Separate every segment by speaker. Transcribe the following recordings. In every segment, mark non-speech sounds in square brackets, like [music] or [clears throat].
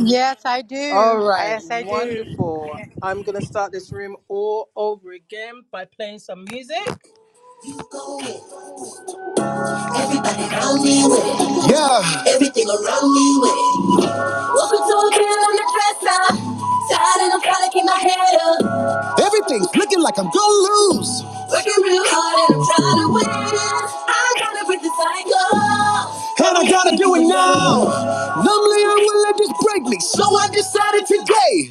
Speaker 1: Yes, [laughs] I do. Yes, I do.
Speaker 2: Everybody around me with it. Yeah. Everything around me with it. Welcome to a girl, I'm the dresser. Tired and I'm trying to keep my head up. Everything's looking like I'm gonna lose. Working real hard and I'm trying to win. I gotta break the cycle. And I gotta do it now. Numbly, I will let this break me. So I decided today.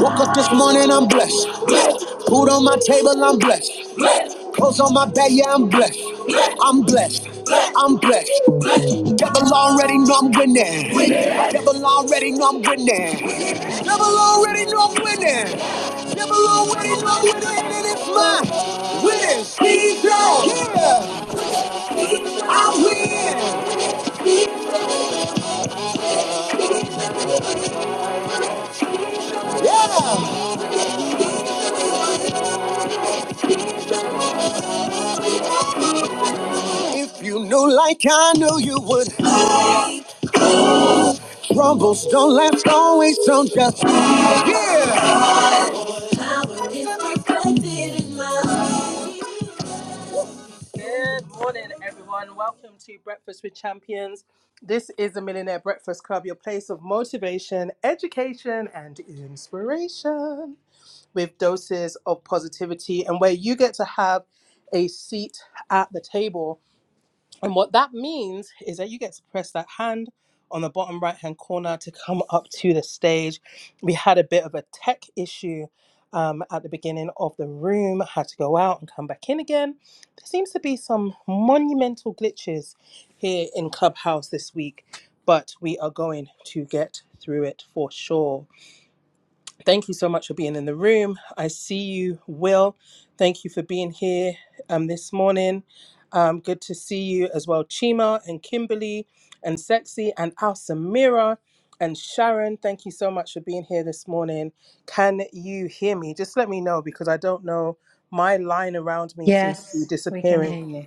Speaker 2: Woke up this morning, I'm blessed. Blessed. Food on my table, I'm blessed. Blessed. Clothes on my back, yeah, I'm blessed. Blessed. I'm blessed. Blessed. I'm blessed. Blessed. Devil already know I'm winning. Winning. Devil already know I'm winning. Devil already know I'm winning. Devil already know I'm winning, and it's mine. Winning season. Yeah. I'm winning. Yeah. If you knew like I knew you would. Rumbles don't last always, don't just. Yeah!
Speaker 3: Yes, we can hear you.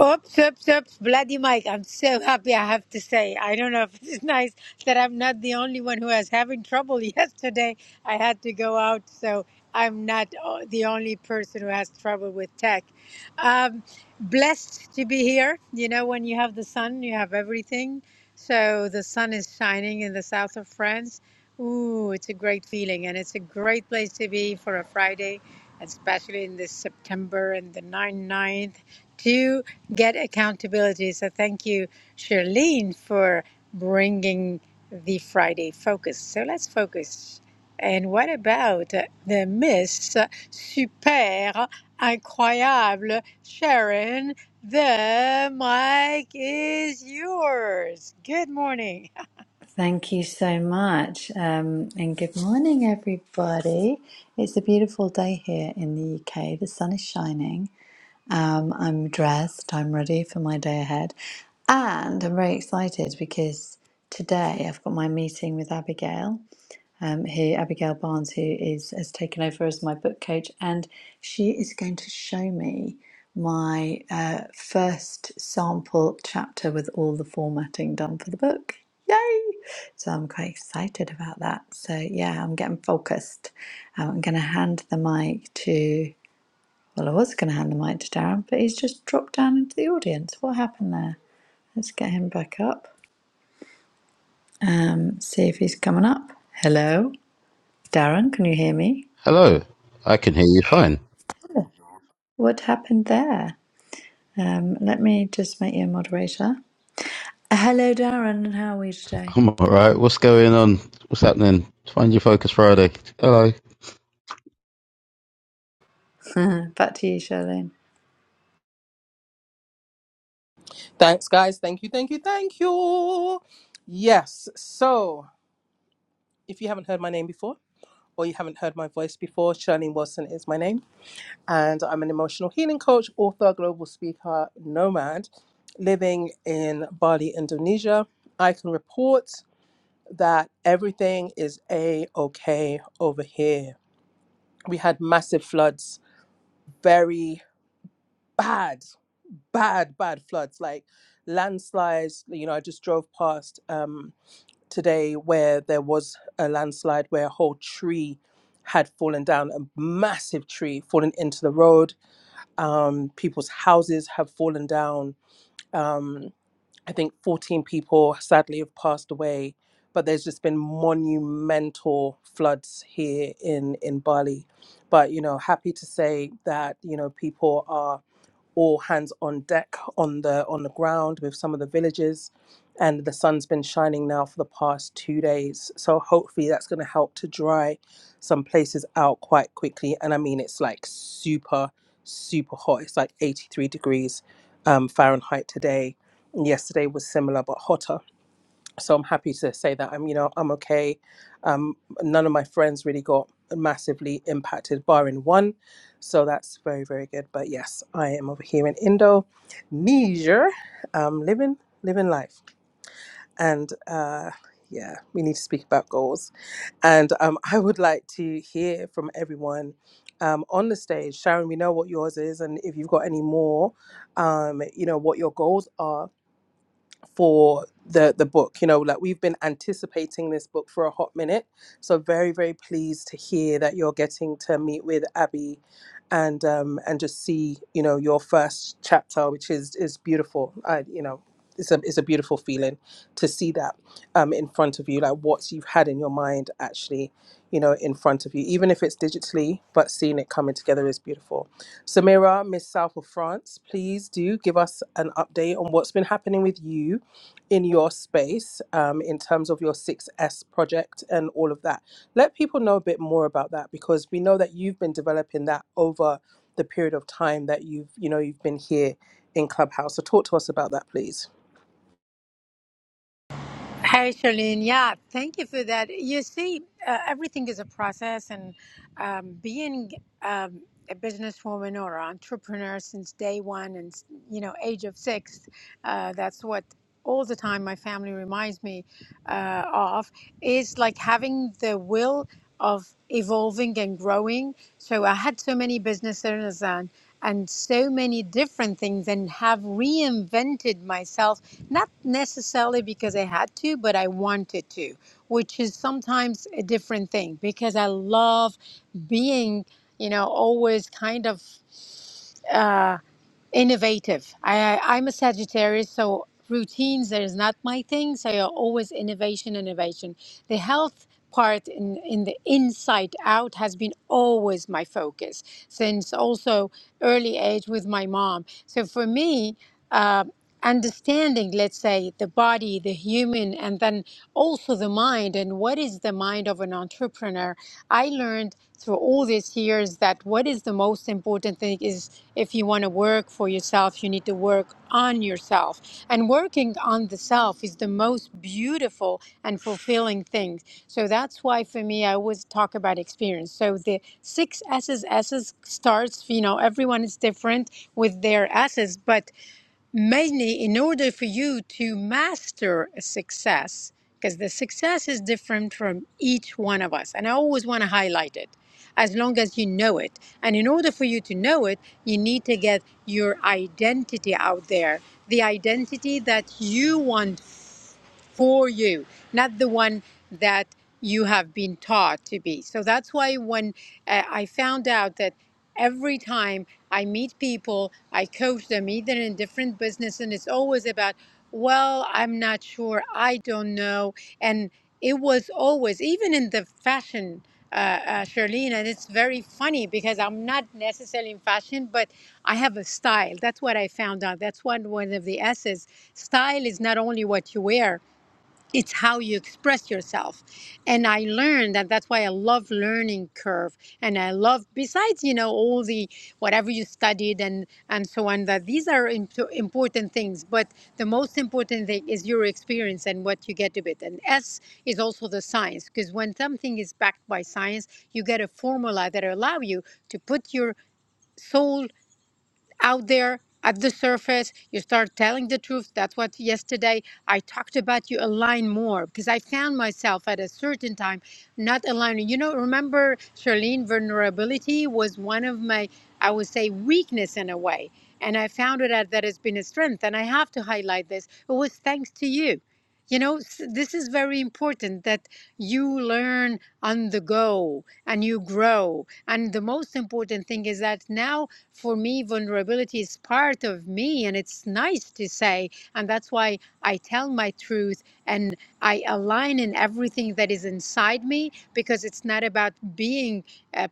Speaker 1: Oops, oops, oops, bloody Mike. I'm so happy I have to say. I don't know if it's [laughs] nice that I'm not the only one who was having trouble [laughs] yesterday. I had to go out, so I'm not o- the only person who has trouble with tech. Um, blessed to be here. You know, when you have the sun, you have everything. So the sun is shining in the south of France. Ooh, it's a great feeling, and it's a great place to be for a Friday, especially in this September and the 9-9th to get accountability. So thank you, Charlene, for bringing the Friday focus. So let's focus. And what about the Miss Super Incroyable Sharon? The mic is yours. Good morning.
Speaker 3: Thank you so much. Um, and good morning, everybody. It's a beautiful day here in the UK. The sun is shining. Um, I'm dressed, I'm ready for my day ahead. And I'm very excited because today I've got my meeting with Abigail. um, who Abigail Barnes, who is has taken over as my book coach, and she is going to show me my uh, first sample chapter with all the formatting done for the book. Yay! So I'm quite excited about that. So yeah, I'm getting focused. Um, I'm going to hand the mic to. Well, I was going to hand the mic to Darren, but he's just dropped down into the audience. What happened there? Let's get him back up. Um, see if he's coming up. Hello, Darren. Can you hear me?
Speaker 4: Hello, I can hear you fine.
Speaker 3: What happened there? Um, let me just make you a moderator. Uh, Hello, Darren, and how are we today?
Speaker 4: I'm all right. What's going on? What's happening? Find your focus Friday. Hello.
Speaker 3: [laughs] Back to you, Charlene.
Speaker 1: Hi, Charlene. Yeah, thank you for that. You see, uh, everything is a process, and um, being um, a businesswoman or entrepreneur since day one, and you know, age of six, uh, that's what all the time my family reminds me uh, of is like having the will of evolving and growing. So I had so many business owners, and and so many different things and have reinvented myself, not necessarily because I had to, but I wanted to, which is sometimes a different thing because I love being, you know, always kind of. uh, Innovative. I, I'm a Sagittarius, so routines that is not my thing. So you're always innovation, innovation. The health part in, in the inside out has been always my focus since also early age with my mom. So for me, uh, understanding, let's say, the body, the human, and then also the mind, and what is the mind of an entrepreneur I learned through all these years that what is the most important thing is if you want to work for yourself, you need to work on yourself. And working on the self is the most beautiful and fulfilling thing. So that's why for me, I always talk about experience. So the six S's, S's starts, you know, everyone is different with their S's, but mainly in order for you to master a success, because the success is different from each one of us. And I always want to highlight it as long as you know it. And in order for you to know it, you need to get your identity out there the identity that you want for you, not the one that you have been taught to be. So that's why when uh, I found out that every time I meet people, I coach them either in different business, and it's always about, well, I'm not sure, I don't know. And it was always, even in the fashion. Uh, uh, Charlene, and it's very funny because I'm not necessarily in fashion, but I have a style. That's what I found out. That's one one of the S's. Style is not only what you wear, it's how you express yourself and i learned that that's why i love learning curve and i love besides you know all the whatever you studied and and so on that these are imp- important things but the most important thing is your experience and what you get of it and s is also the science because when something is backed by science you get a formula that allow you to put your soul out there at the surface. You start telling the truth. That's what yesterday I talked about. You align more because I found myself at a certain time not aligning. You know, remember Charlene, vulnerability was one of my, I would say, weakness in a way. And I found it out that has been a strength. And I have to highlight this. It was thanks to you. You know, s- this is very important that you learn on the go and you grow. And the most important thing is that now for me, vulnerability is part of me, and it's nice to say. And that's why I tell my truth and I align in everything that is inside me because it's not about being uh,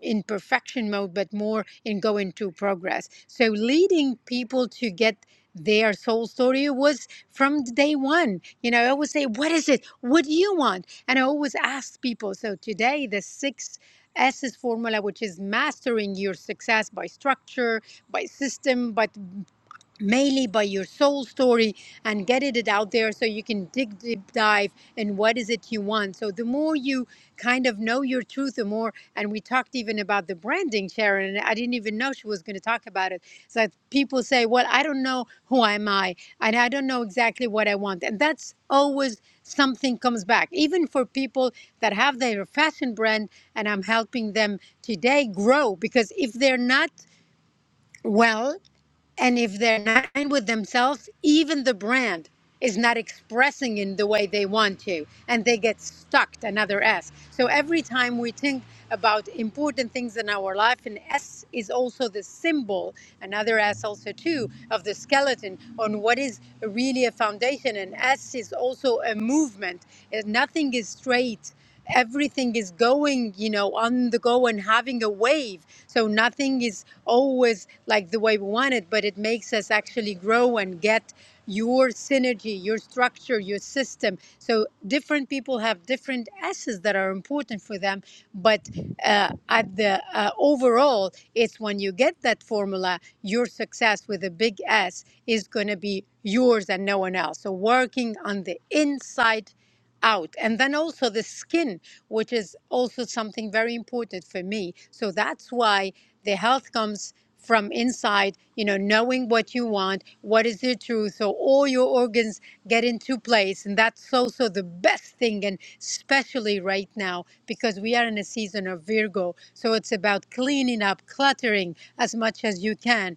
Speaker 1: in perfection mode, but more in going to progress. So, leading people to get their soul story was from day one. You know, I always say, What is it? What do you want? And I always ask people. So, today, the sixth S is formula, which is mastering your success by structure, by system, but mainly by your soul story and getting it out there so you can dig deep dive in what is it you want so the more you kind of know your truth the more and we talked even about the branding sharon and i didn't even know she was going to talk about it so people say well i don't know who am i and i don't know exactly what i want and that's always something comes back even for people that have their fashion brand and i'm helping them today grow because if they're not well and if they're not in with themselves, even the brand is not expressing in the way they want to, and they get stuck, another S. So every time we think about important things in our life, an S is also the symbol, another S also too, of the skeleton on what is really a foundation. And S is also a movement. Uh, Nothing is straight everything is going, you know, on the go and having a wave. So nothing is always like the way we want it, but it makes us actually grow and get your synergy, your structure, your system. So different people have different S's that are important for them, but uh, at the uh, overall, it's when you get that formula, your success with a big S is going to be yours and no one else. So working on the inside out and then also the skin which is also something very important for me so that's why the health comes from inside you know knowing what you want what is the truth so all your organs get into place and that's also the best thing and especially right now because we are in a season of virgo so it's about cleaning up cluttering as much as you can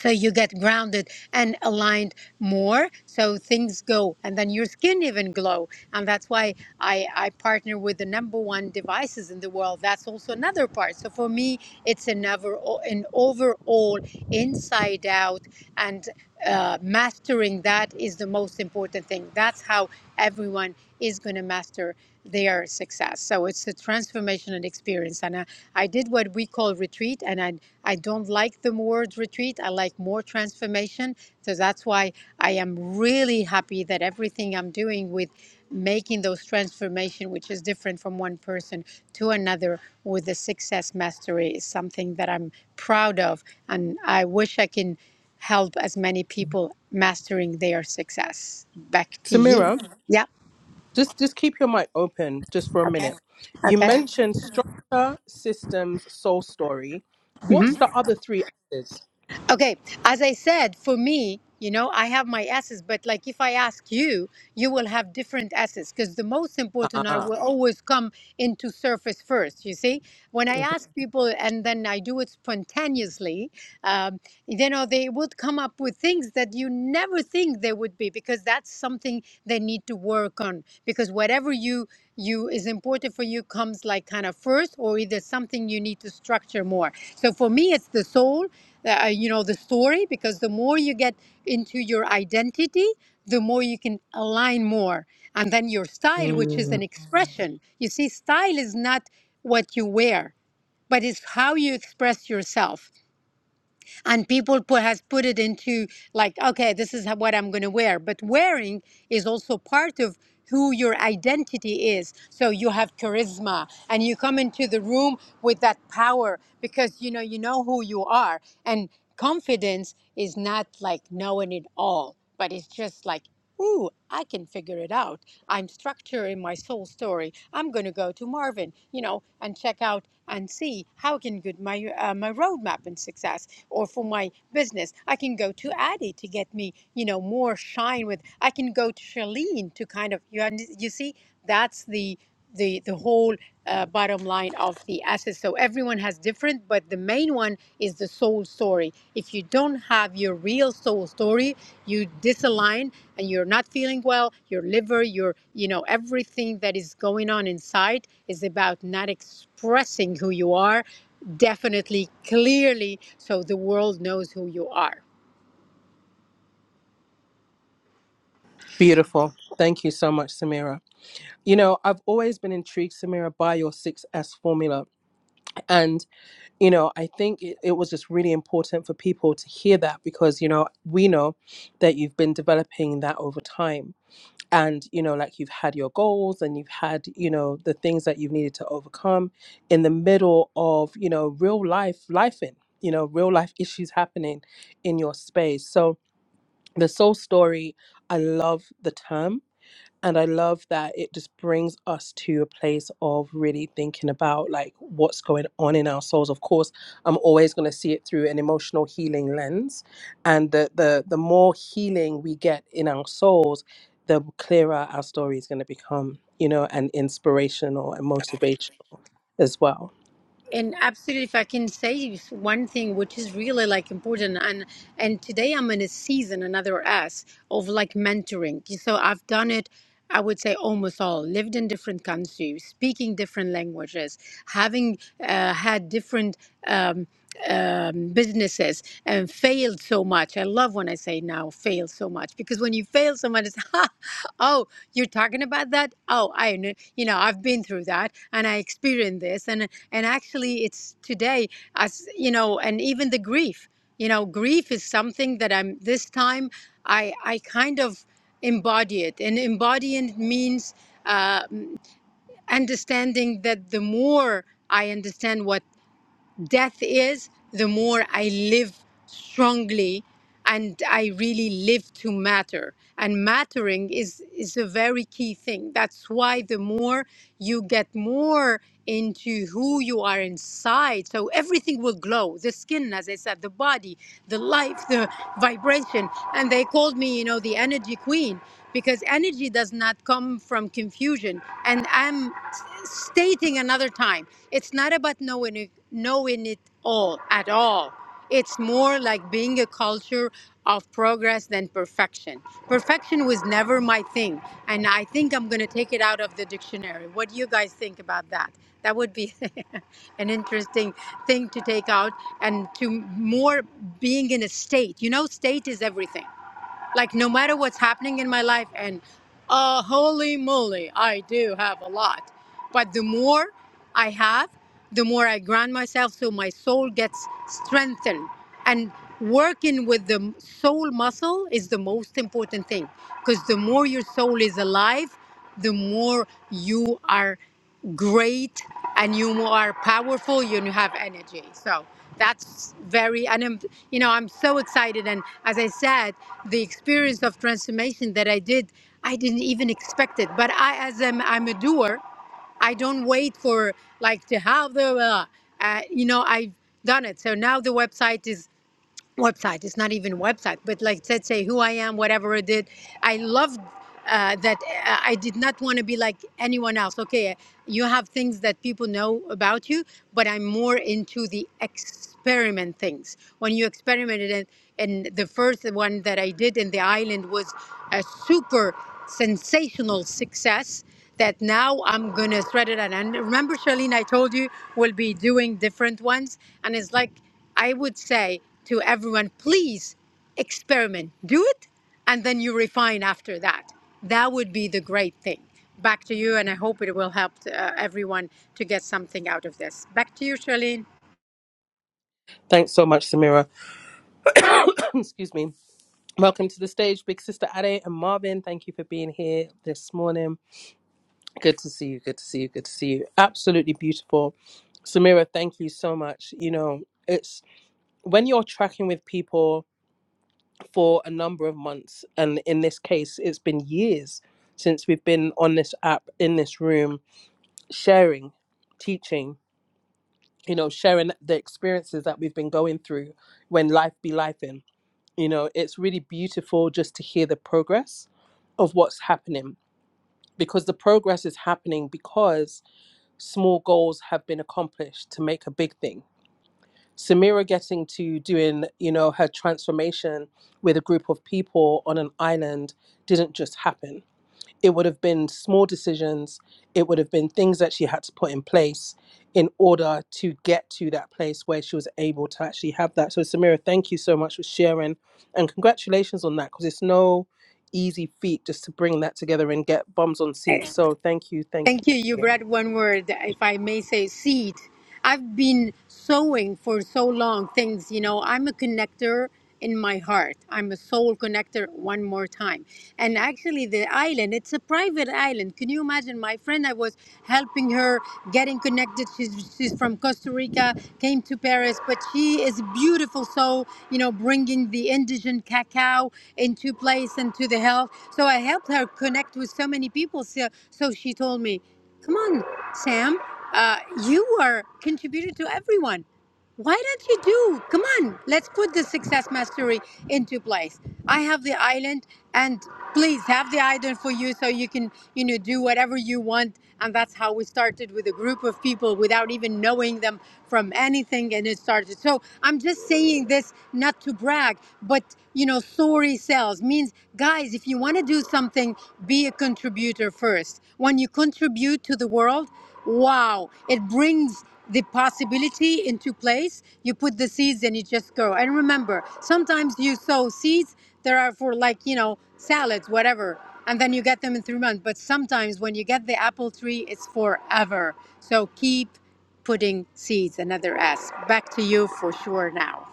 Speaker 1: so you get grounded and aligned more so things go and then your skin even glow and that's why i i partner with the number one devices in the world that's also another part so for me it's an overall an overall inside out and uh, mastering that is the most important thing. That's how everyone is going to master their success. So it's a transformational experience. And I, I did what we call retreat, and I, I don't like the word retreat. I like more transformation. So that's why I am really happy that everything I'm doing with making those transformation, which is different from one person to another, with the success mastery is something that I'm proud of. And I wish I can help as many people mastering their success. Back to you. Yeah. Okay. Okay. hmm Okay. As I said, for me, you know, I have my S's, but like if I ask you, you will have different S's because the most important are will always come into surface first. You see, when I ask people and then I do it spontaneously, um, you know they would come up with things that you never think they would be because that's something they need to work on because whatever you you is important for you comes like kind of first or either something you need to structure more so for me it's the soul uh, uh, you know the story because the more you get into your identity the more you can align more and then your style which is an Mhm. expression you see style is not what you wear but it's how you express yourself and people put has put it into like okay this is what i'm going to wear but wearing is also part of who your identity is so you have charisma and you come into the room with that power because you know you know who you are and Confidence is not like knowing it all, but it's just like, ooh, I can figure it out. I'm structuring my soul story. I'm going to go to Marvin, you know, and check out and see how I can get my uh, my roadmap and success, or for my business, I can go to Addie to get me, you know, more shine with. I can go to Charlene to kind of you. und- You see, that's the the the whole uh, bottom line of the assets. So everyone has different, but the main one is the soul story. If you don't have your real soul story, you disalign and you're not feeling well. Your liver, your you know everything that is going on inside is about not expressing who you are definitely clearly so the world knows who you are And absolutely, if I can say one thing which is really like important, and and today I'm in a season, another S of like mentoring. So I've done it. I would say almost all lived in different countries, speaking different languages, having uh, had different. Um, um, businesses and failed so much. I love when I say now fail so much because when you fail so much, it's [laughs] ha, oh, you're talking about that. Oh, I know, you know, I've been through that and I experienced this, and and actually, it's today as you know, and even the grief. You know, grief is something that I'm this time. I I kind of embody it, and embodying means uh, understanding that the more. I understand what death is, the more I live strongly and I really live to matter. And mattering is, is a very key thing. That's why the more you get more into who you are inside, so everything will glow the skin, as I said, the body, the life, the vibration. And they called me, you know, the energy queen because energy does not come from confusion. And I'm stating another time, it's not about knowing it, knowing it all at all. It's more like being a culture of progress than perfection. Perfection was never my thing, and I think I'm going to take it out of the dictionary. What do you guys think about that? That would be [laughs] an interesting thing to take out and to more being in a state. You know, state is everything like no matter what's happening in my life, and uh, holy moly, I do have a lot. But the more I have, the more I ground myself, so my soul gets strengthened. And working with the m- soul muscle is the most important thing, because the more your soul is alive the more you are great and you are powerful and you have energy. So that's very, and I'm, you know, I'm so excited. And as I said, the experience of transformation that I did, I didn't even expect it. But I, as I'm, I'm a doer, I don't wait for like to have the, uh, uh, you know, I've done it. So now the website is website. It's not even website, but like let's say who I am, whatever I did. I loved uh, that uh, I did not want to be like anyone else. Okay, you have things that people know about you, but I'm more into the experiment things. When you experimented, and, and the first one that I did in the island was a super sensational success that now I'm gonna spread it out. And remember, Charlene, I told you we'll be doing different ones, and it's like I would say to everyone, please experiment, do it, and then you refine after that. That would be the great thing. Back to you, and I hope it will help uh, everyone to get something out of this. Back to you, Charlene. Thank you. You read one word, if I may say, seed. I've been sowing for so long things, you know, I'm a connector in my heart. I'm a soul connector one more time. And actually, the island, it's a private island. Can you imagine? My friend, I was helping her getting connected. She's, she's from Costa Rica, came to Paris, but she is beautiful. So, you know, bringing the indigenous cacao into place and to the health. So I helped her her connect with so many people. So, so she told me, "Come on, Sam, uh, you are contributed to everyone. Why don't you do? Come on, let's put the success mastery into place. I have the island, and please have the island for you, so you can you know do whatever you want and that's how we started with a group of people without even knowing them from anything. And it started. So I'm just saying this not to brag, but you know, story sells means, guys, if you want to do something, be a contributor first. When you contribute to the world, wow, it brings the possibility into place. You put the seeds and you just grow. And remember, sometimes you sow seeds there are for like, you know, salads, whatever. And then you get them in three months. But sometimes when you get the apple tree, it's forever. So keep putting seeds, another S. Back to you for sure now.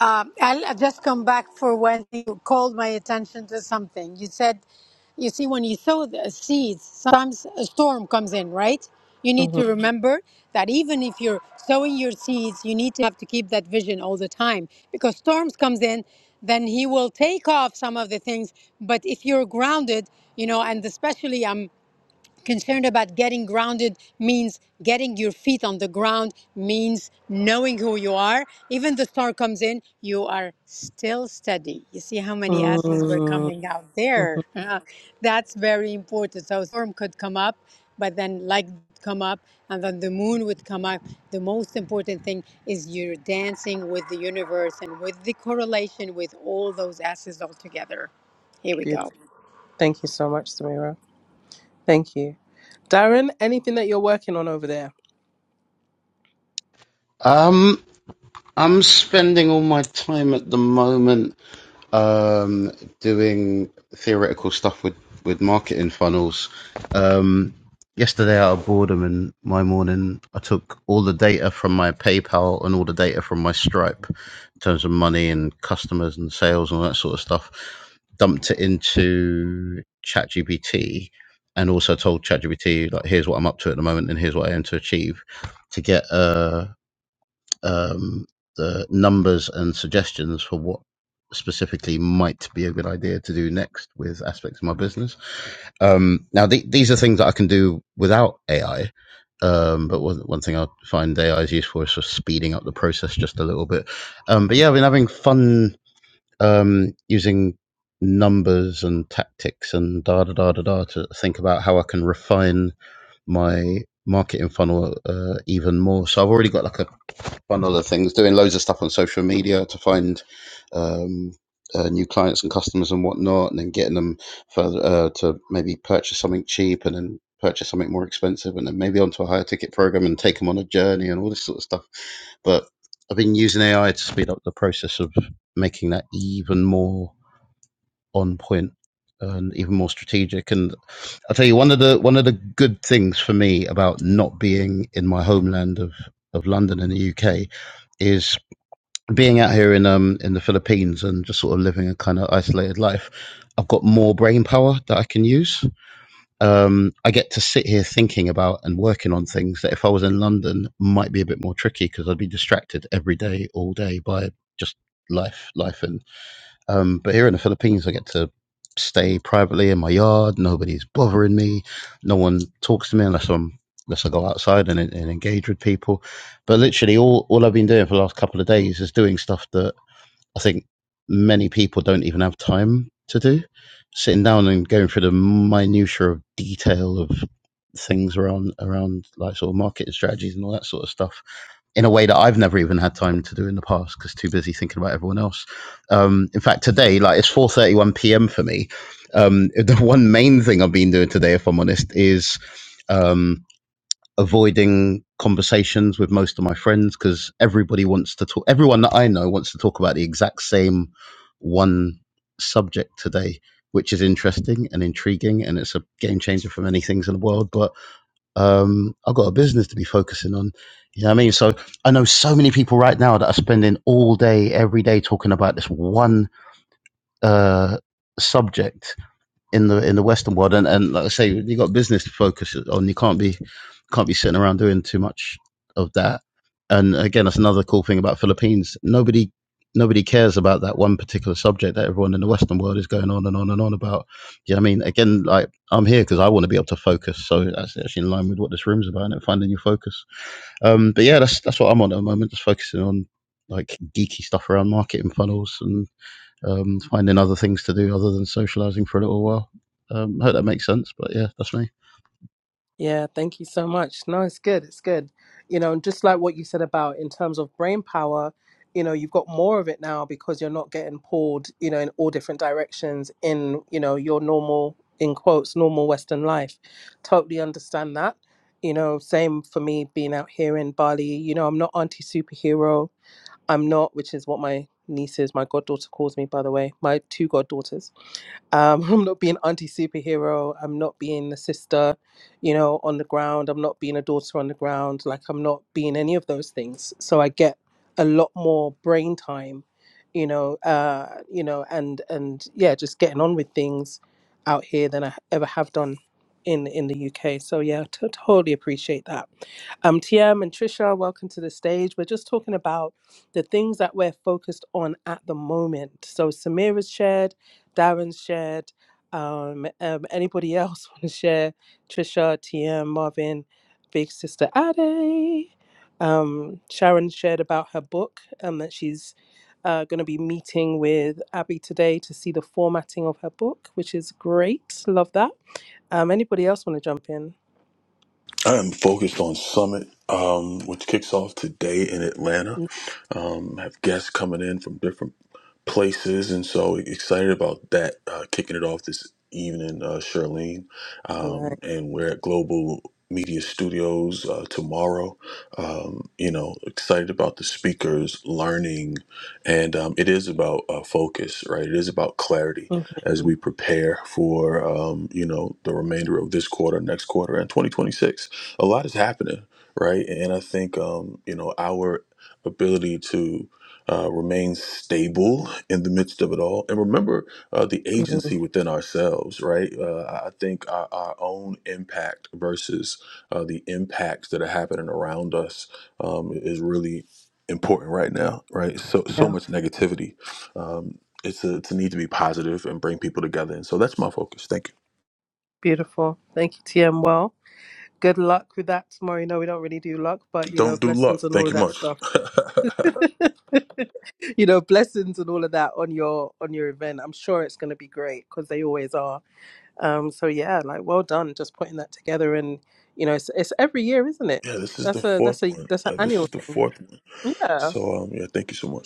Speaker 1: Um, I'll I'll just come back for when you called my attention to something. You said, you see, when you sow the seeds, sometimes a storm comes in, right? You need to remember that even if you're sowing your seeds, you need to have to keep that vision all the time because storms comes in, then he will take off some of the things. But if you're grounded, you know, and especially I'm concerned about getting grounded means getting your feet on the ground means knowing who you are even the star comes in you are still steady you see how many asses were coming out there [laughs] that's very important so a storm could come up but then light would come up and then the moon would come up the most important thing is you're dancing with the universe and with the correlation with all those asses all together here we go
Speaker 4: Um, I'm spending all my time at the moment. um, doing theoretical stuff with, with marketing funnels. Um, yesterday, out of boredom in my morning, I took all the data from my PayPal and all the data from my Stripe in terms of money and customers and sales and all that sort of stuff, dumped it into ChatGPT. And also told ChatGPT, like, here's what I'm up to at the moment, and here's what I aim to achieve, to get a uh, um, the numbers and suggestions for what specifically might be a good idea to do next with aspects of my business. Um, now, the these are things that I can do without AI. Um, but one, one thing I find AI is useful is for speeding up the process just a little bit. Um, but yeah, I've been having fun um, using numbers and tactics and da da da da da to think about how I can refine my marketing funnel uh, even more. So I've already got like a one other things, doing loads of stuff on social media to find um, uh, new clients and customers and whatnot, and then getting them further uh, to maybe purchase something cheap and then purchase something more expensive, and then maybe onto a higher ticket program and take them on a journey and all this sort of stuff. But I've been using AI to speed up the process of making that even more on point and even more strategic. And I'll tell you one of the one of the good things for me about not being in my homeland of of London in the UK is being out here in um in the Philippines and just sort of living a kind of isolated life. I've got more brain power that I can use. Um, I get to sit here thinking about and working on things that if I was in London might be a bit more tricky because I'd be distracted every day, all day by just life, life and um, but here in the Philippines, I get to stay privately in my yard. Nobody's bothering me. No one talks to me unless I'm unless I go outside and, and engage with people. But literally, all all I've been doing for the last couple of days is doing stuff that I think many people don't even have time to do. Sitting down and going through the minutiae of detail of things around around like sort of marketing strategies and all that sort of stuff in a way that I've never even had time to do in the past because too busy thinking about everyone else. Um, in fact, today, like it's four thirty one p.m. for me. Um, [laughs] the one main thing I've been doing today, if I'm honest, is um, avoiding conversations with most of my friends because everybody wants to talk. Everyone that I know wants to talk about the exact same one subject today, which is interesting and intriguing, and it's a game changer for many things in the world, but um, I've got a business to be focusing on. You know what I mean? So I know so many people right now that are spending all day, every day talking about this one uh, subject in the in the Western world, and, and like I say, you got business to focus on. You can't be can't be sitting around doing too much of that. And again, that's another cool thing about Philippines. Nobody nobody cares about that one particular subject that everyone in the Western world is going on and on and on about. you know what I mean? Again, like I'm here because I want to be able to focus. So that's actually in line with what this room's about and finding your focus. Um, but yeah, that's that's what I'm on at the moment, just focusing on like geeky stuff around marketing funnels and um, finding other things to do other than socializing for a little while. Um, I hope that makes sense, but yeah, that's me.
Speaker 5: I am focused on Summit, um, which kicks off today in Atlanta. Um, I have guests coming in from different places, and so e-, excited about that. Uh, kicking it off this evening, uh, Charlene, um, and we're at Global Media Studios uh, tomorrow. Um, you know, excited about the speakers, learning, and um, it is about uh, focus, right? It is about clarity as we prepare for um, you know the remainder of this quarter, next quarter, and 2026. A lot is happening, right? And I think um, you know our ability to uh, remain stable in the midst of it all. And remember uh, the agency within ourselves, right? Uh, I I think our, our own impact versus uh, the impacts that are happening around us um, is really important right now, right? So so much negativity. Um, it's a, it's a need to be positive and bring people together. And so that's my focus. Thank you. Don't do luck. Thank you much. [laughs] yeah, this is the fourth one. Uh, this is the fourth one. So um, yeah, thank you so much.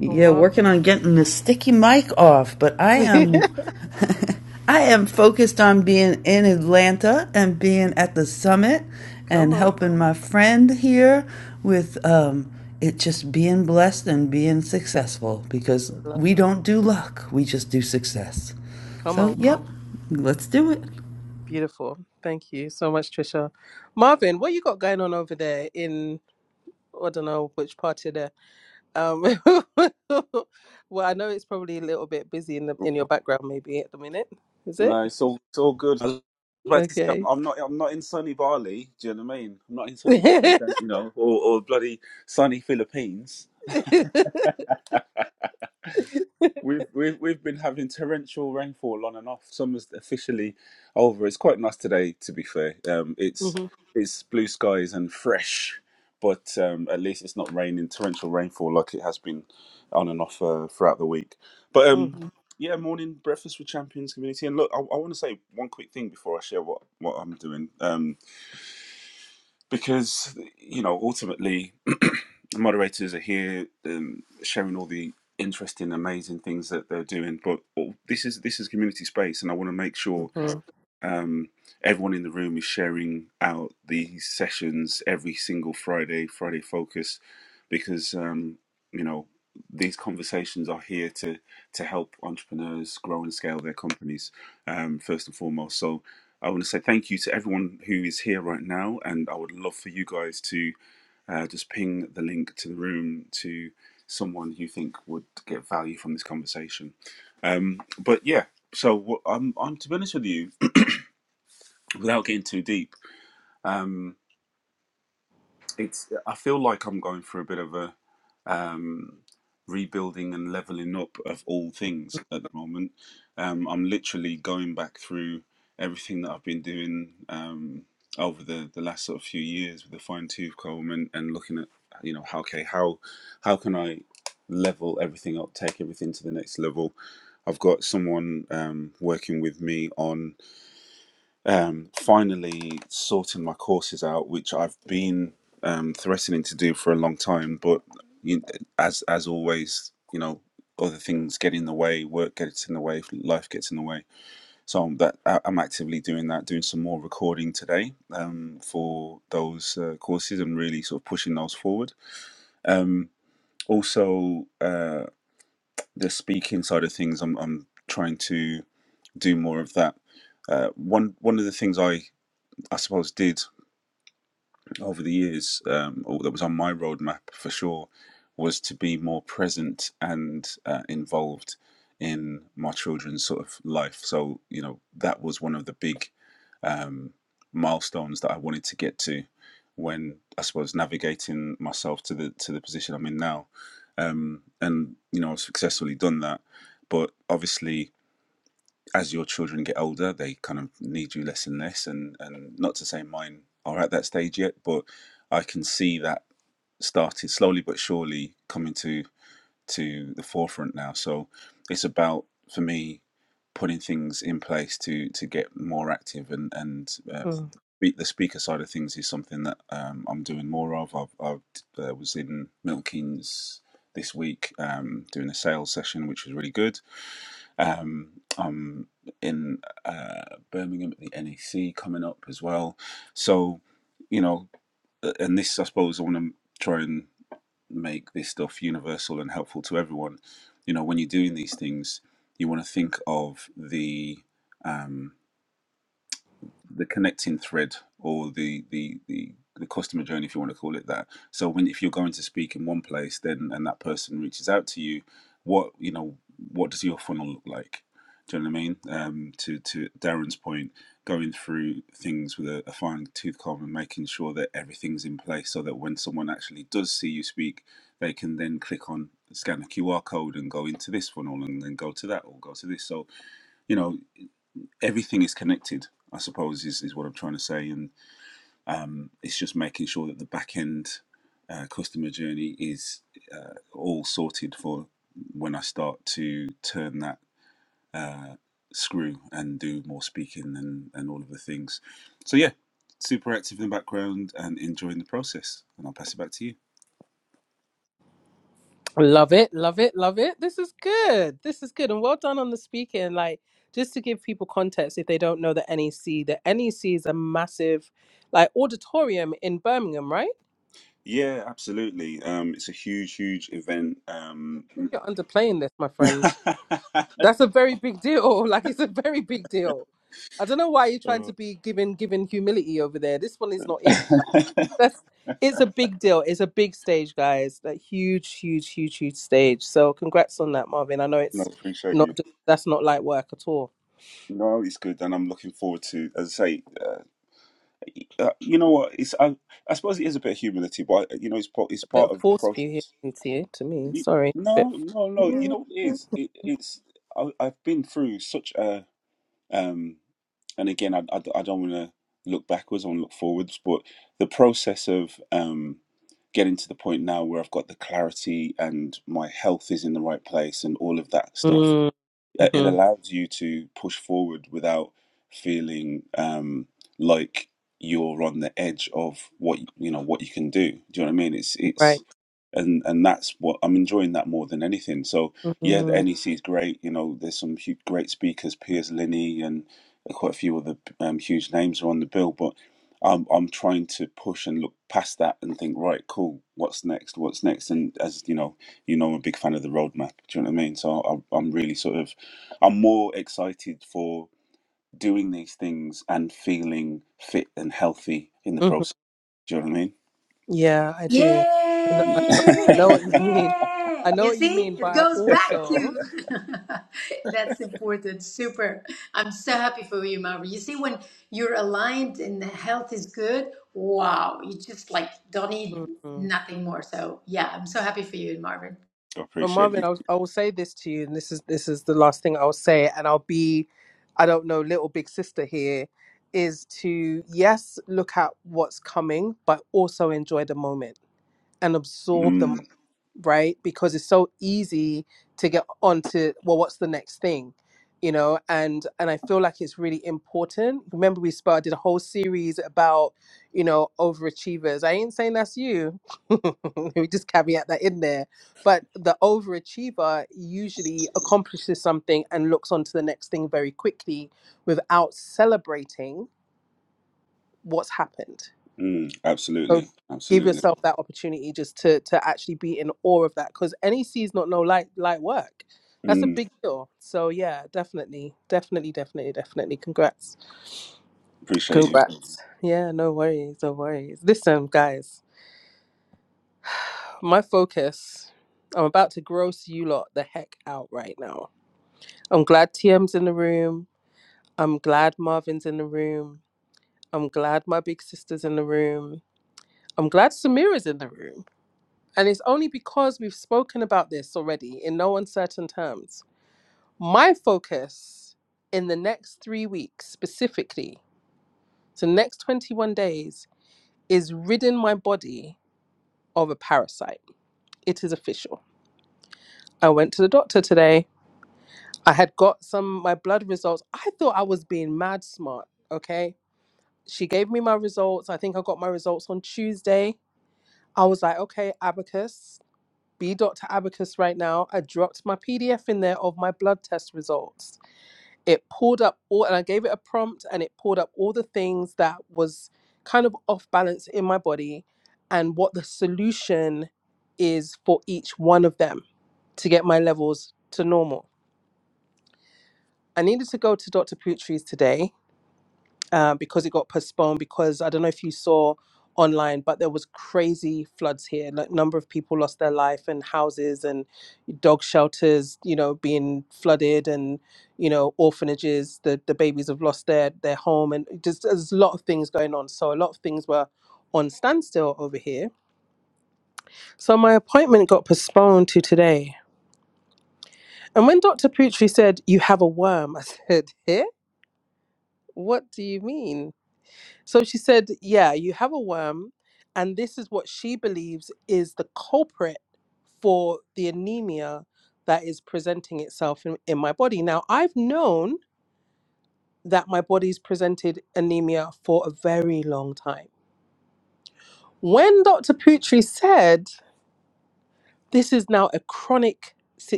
Speaker 6: Yeah, working on getting the sticky mic off, but I am [laughs] I am focused on being in Atlanta and being at the summit and helping my friend here with um it just being blessed and being successful because we don't do luck, we just do success. So, yep, let's do it.
Speaker 7: No, it's all it's all good. I was about to say I'm, I'm not I'm not in sunny Bali. Do you know what I mean? I'm not in sunny Bali, don't, you know, or, or bloody sunny Philippines. We've we've we've been having torrential rainfall on and off. Summer's officially over. It's quite nice today, to be fair. Um, it's it's blue skies and fresh, but um, at least it's not raining torrential rainfall like it has been on and off uh, throughout the week. But um, yeah, morning breakfast with champions community. And look, I, I want to say one quick thing before I share what what I'm doing. Um, because you know ultimately [clears throat] the moderators are here um, sharing all the interesting amazing things that they're doing but all- this is this is community space and i want to make sure um, everyone in the room is sharing out these sessions every single Friday, Friday Focus, because um, you know these conversations are here to to help entrepreneurs grow and scale their companies um, first and foremost. So. I want to say thank you to everyone who is here right now, and I would love for you guys to uh, just ping the link to the room to someone you think would get value from this conversation. Um, but yeah, so wh- I'm, I'm to be honest with you, without getting too deep, um, it's I feel like I'm going through a bit of a um, rebuilding and leveling up of all things at the moment. Um, I'm literally going back through everything that I've been doing um, over the, the last sort of few years with the fine tooth comb and, and looking at you know how okay how how can I level everything up, take everything to the next level. I've got someone um, working with me on um, finally sorting my courses out, which I've been um, threatening to do for a long time. But you, as as always, you know, other things get in the way, work gets in the way, life gets in the way. So I'm, that I- I'm actively doing that, doing some more recording today um, for those uh, courses and really sort of pushing those forward. Um, also, uh, the speaking side of things, I'm, I'm trying to do more of that. Uh, one one of the things I I suppose did over the years um, or that was on my roadmap for sure was to be more present and uh, involved in my children's sort of life. So you know that was one of the big um, milestones that I wanted to get to when I suppose navigating myself to the to the position I'm in now, um, and you know I've successfully done that. But obviously, as your children get older, they kind of need you less and less. And, and not to say mine are at that stage yet, but I can see that started slowly but surely coming to to the forefront now. So it's about for me putting things in place to to get more active and and uh, the speaker side of things is something that um, I'm doing more of. i uh, was in Milton Keynes this week um, doing a sales session, which was really good um, I'm in uh, Birmingham at the NEC coming up as well. So, you know, uh, and this, I suppose, I want to try and make this stuff universal and helpful to everyone. You know, when you're doing these things, you want to think of the um, the connecting thread or the the the the customer journey if you want to call it that so when if you're going to speak in one place then and that person reaches out to you what you know what does your funnel look like do you know what i mean um to to darren's point going through things with a, a fine tooth comb and making sure that everything's in place so that when someone actually does see you speak they can then click on scan a qr code and go into this funnel and then go to that or go to this so you know everything is connected. I suppose is, is what I'm trying to say, and um, it's just making sure that the back end uh, customer journey is uh, all sorted for when I start to turn that uh, screw and do more speaking and, and all of the things. So yeah, super active in the background and enjoying the process. And I'll pass it back to you. Yeah, absolutely. Um, it's a huge, huge event. Um, [laughs] [laughs] Oh. [laughs] no, appreciate you. No, it's good, and I'm looking forward to, as I say, uh, uh, you know what? It's I, I suppose it is a bit of humility, but uh, you know, it's part, it's part of the process. You- No, no, no. You know what it is? It, it's I, I've been through such a, um, and again, I, I, I don't want to look backwards. I want to look forwards, but the process of um, getting to the point now where I've got the clarity and my health is in the right place and all of that stuff uh, it allows you to push forward without feeling um, like you're on the edge of what you know what you can do. Do you know what I mean? It's it's and and that's what I'm enjoying that more than anything. So yeah, the NEC is great. You know, there's some huge, great speakers, Piers Linney, and quite a few other um, huge names are on the bill. But I'm I'm trying to push and look past that and think, right, cool, what's next? What's next? And as you know, you know, I'm a big fan of the roadmap. Do you know what I mean? So I'm I'm really sort of I'm more excited for doing these things and feeling fit and healthy in the process. Do you know what I mean?
Speaker 1: Yeah,
Speaker 7: [laughs]
Speaker 1: yeah. You see, it goes back to [laughs] that's important. Super. I'm so happy for you, Marvin. You see, when you're aligned and the health is good, wow, you just like don't need nothing more. So yeah, I'm so happy for you, Marvin.
Speaker 7: I appreciate you. Mm. Mm, absolutely. Absolutely. Mm, appreciate you.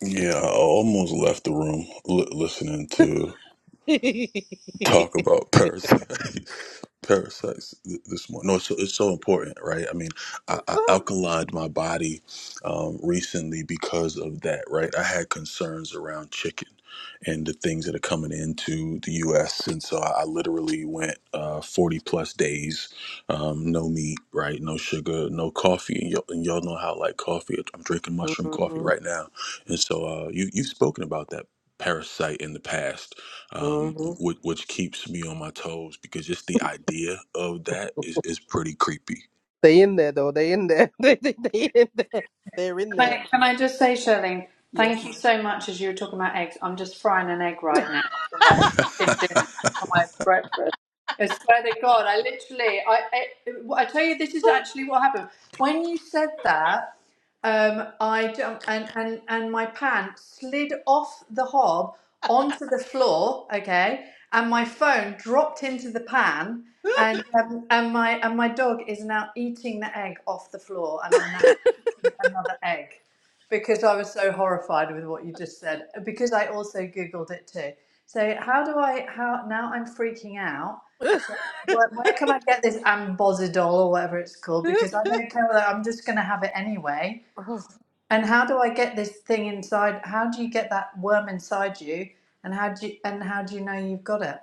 Speaker 5: Yeah, I almost left the room li- listening to talk about parasites [laughs] parasites th- this morning no it's so, it's so important right i mean i, I alkalined my body um, recently because of that right i had concerns around chicken and the things that are coming into the us and so i, I literally went uh, 40 plus days um, no meat right no sugar no coffee and, y'all and y'all know how I like coffee i'm drinking mushroom coffee right now and so uh, you, you've spoken about that parasite in the past um, which, which keeps me on my toes because just the idea of that is, is pretty creepy.
Speaker 3: Can I, can I just say, Shirley, thank you so much as you were talking about eggs. I'm just frying an egg right now for my dinner,
Speaker 5: [laughs]
Speaker 3: for my breakfast. I swear to God, I literally, I, I, I tell you, this is actually what happened. When you said that, um, I jumped and, and and my pants slid off the hob onto the floor. Okay, and my phone dropped into the pan, and um, and my and my dog is now eating the egg off the floor, and I'm now eating another egg because I was so horrified with what you just said. Because I also googled it too. So how do I? How now? I'm freaking out so where, where can I get this ambossadol or whatever it's called? Because I don't care whether I'm just going to have it anyway. And how do I get this thing inside? How do you get that worm inside you? And how do you, and how do you know you've got it?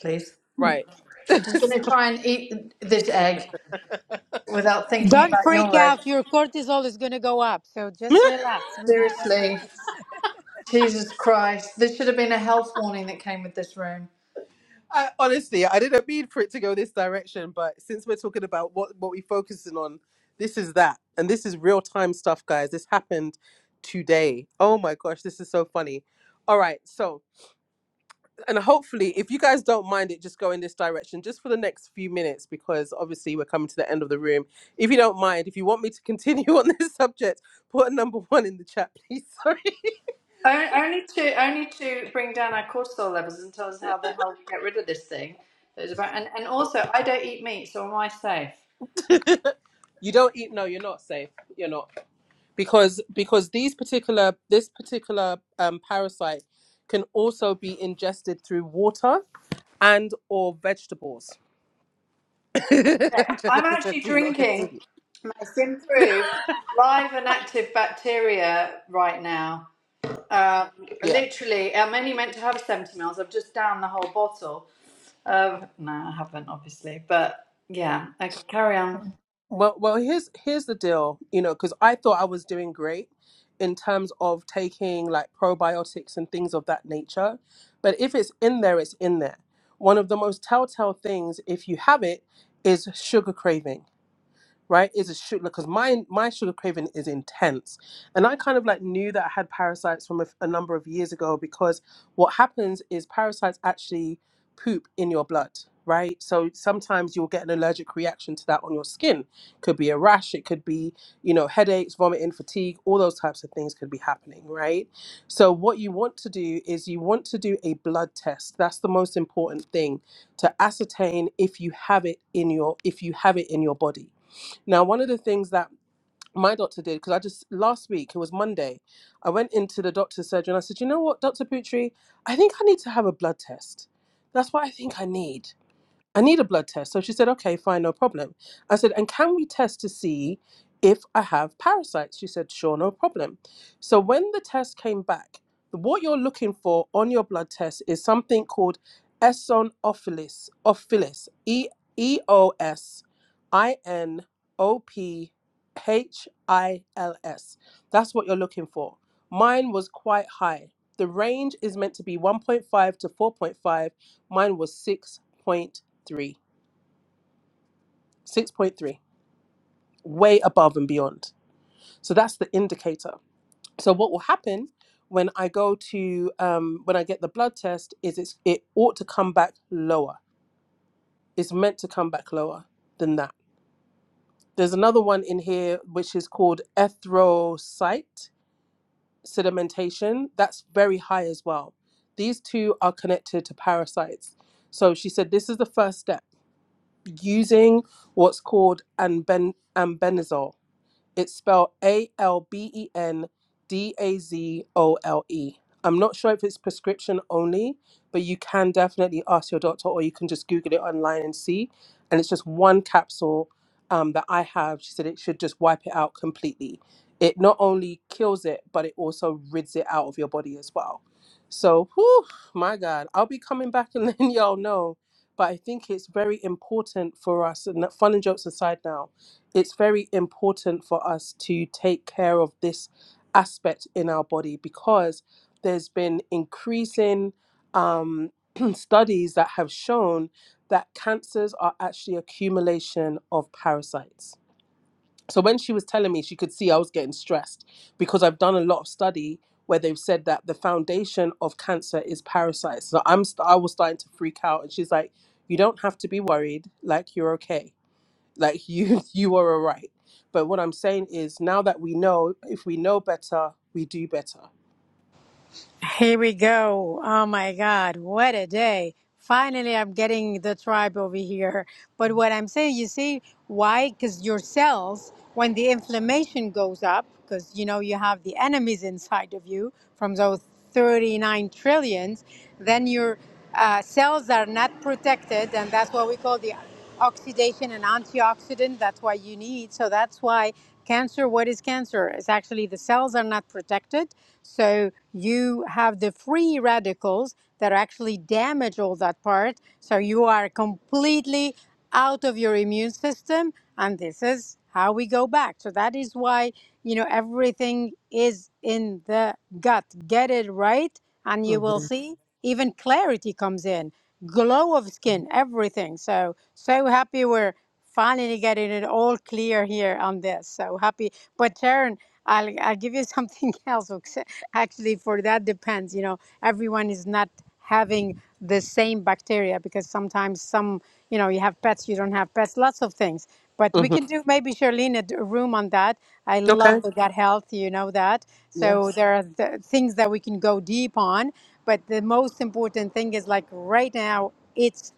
Speaker 3: Please, I'm just going to try and eat this egg without thinking
Speaker 1: Don't
Speaker 3: about
Speaker 1: freak
Speaker 3: your egg.
Speaker 1: out. Your cortisol is going to go up. So just relax. We're going to get you.
Speaker 3: Seriously,
Speaker 1: [laughs]
Speaker 3: Jesus Christ, this should have been a health warning that came with this room. O- Only to only to bring down our cortisol levels and tell us how the hell to get rid of this thing. That is about, and, and also, I don't eat meat, so am I safe? Yeah. I'm actually drinking my Simproof live and active bacteria right now. Um, literally, I'm only meant to have 70 mils. I've just down the whole bottle. Um, no, I haven't, obviously, but yeah, Okay, carry on.
Speaker 1: Here we go. Oh my God, what a day. Finally, I'm getting the tribe over here. But what I'm saying, you see, why? Because your cells, when the inflammation goes up, because you know you have the enemies inside of you from those 39 trillions, then your uh, cells are not protected, and that's what we call the oxidation and antioxidant. That's why you need. So that's why cancer. What is cancer? It's actually the cells are not protected. So you have the free radicals that actually damage all that part. So you are completely out of your immune system, and this is how we go back. So that is why you know everything is in the gut. Get it right, and you will see even clarity comes in, glow of skin, everything. So, so happy we're finally getting it all clear here on this. So happy. But Taryn, I'll, I'll give you something [laughs] else. okay? Actually, for that depends. You know, everyone is not having the same bacteria because sometimes some, you know, you have pets, you don't have pets, lots of things. But we can do maybe Charlene a d- a room on that. I love the gut health, you know that. So there are the things that we can go deep on. But the most important thing is like right now, it's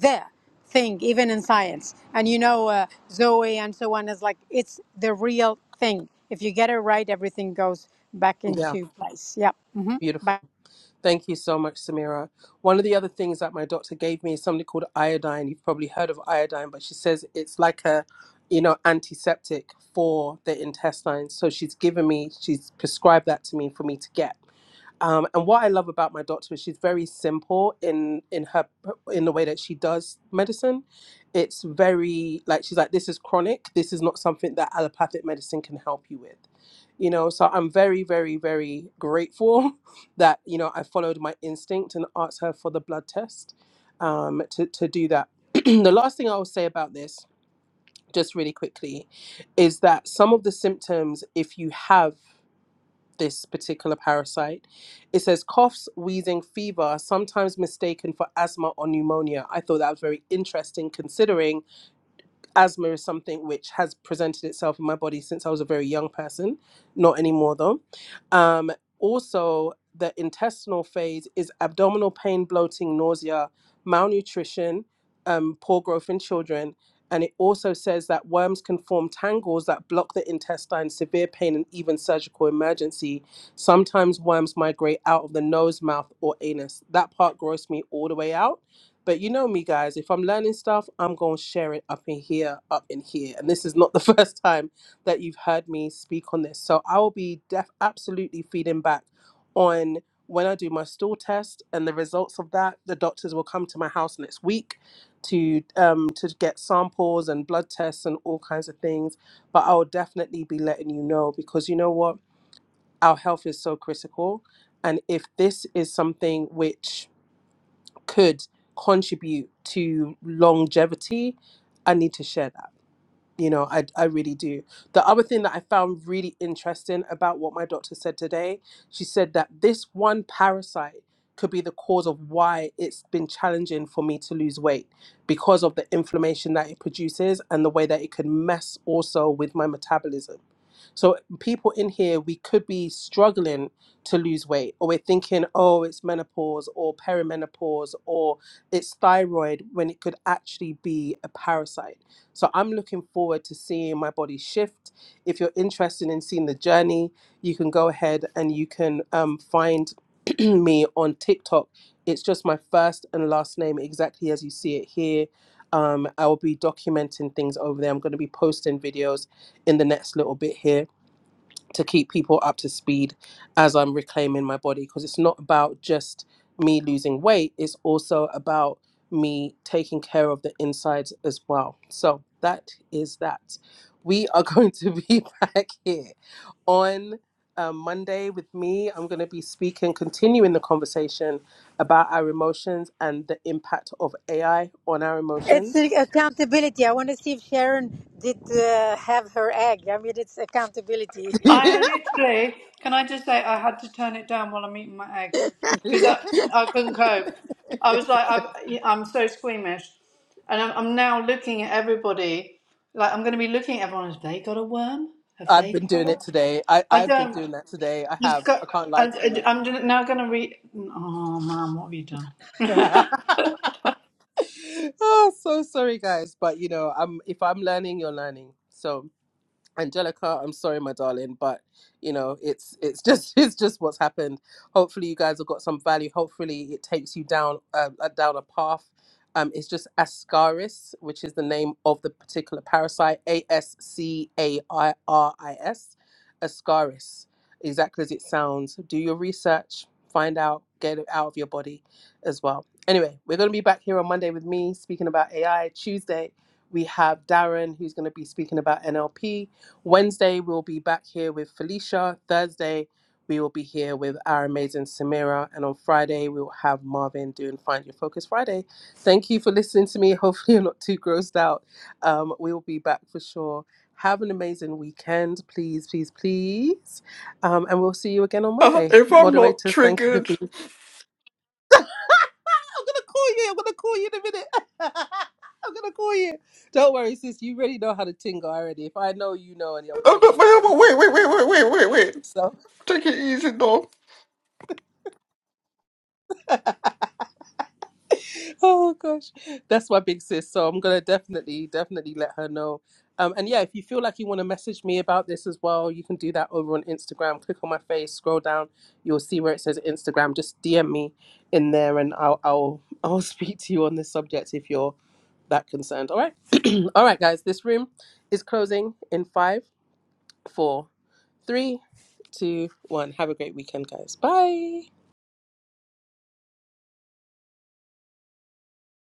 Speaker 1: the thing, even in science. And you know, uh, Zoe and so on is like it's the real thing. If you get it right, everything goes back into place. Yeah. hmm Bye. It's the accountability. I want to see if Sharon did uh, have her egg. I mean, it's accountability. [laughs]
Speaker 3: I literally, can I just say, I had to turn it down while I'm eating my eggs because I, I couldn't cope. I was like, I've, I'm so squeamish. And I'm, I'm now looking at everybody, like, I'm going to be looking at everyone. Have they got a worm? Have they got a worm? I don't. It's got, I, I- I'm gonna- now going to read. Oh, man, what have you done?
Speaker 8: Uh, if I'm not triggered, I'm not. wait, wait, wait, wait, wait, wait. wait. Take it easy, dog.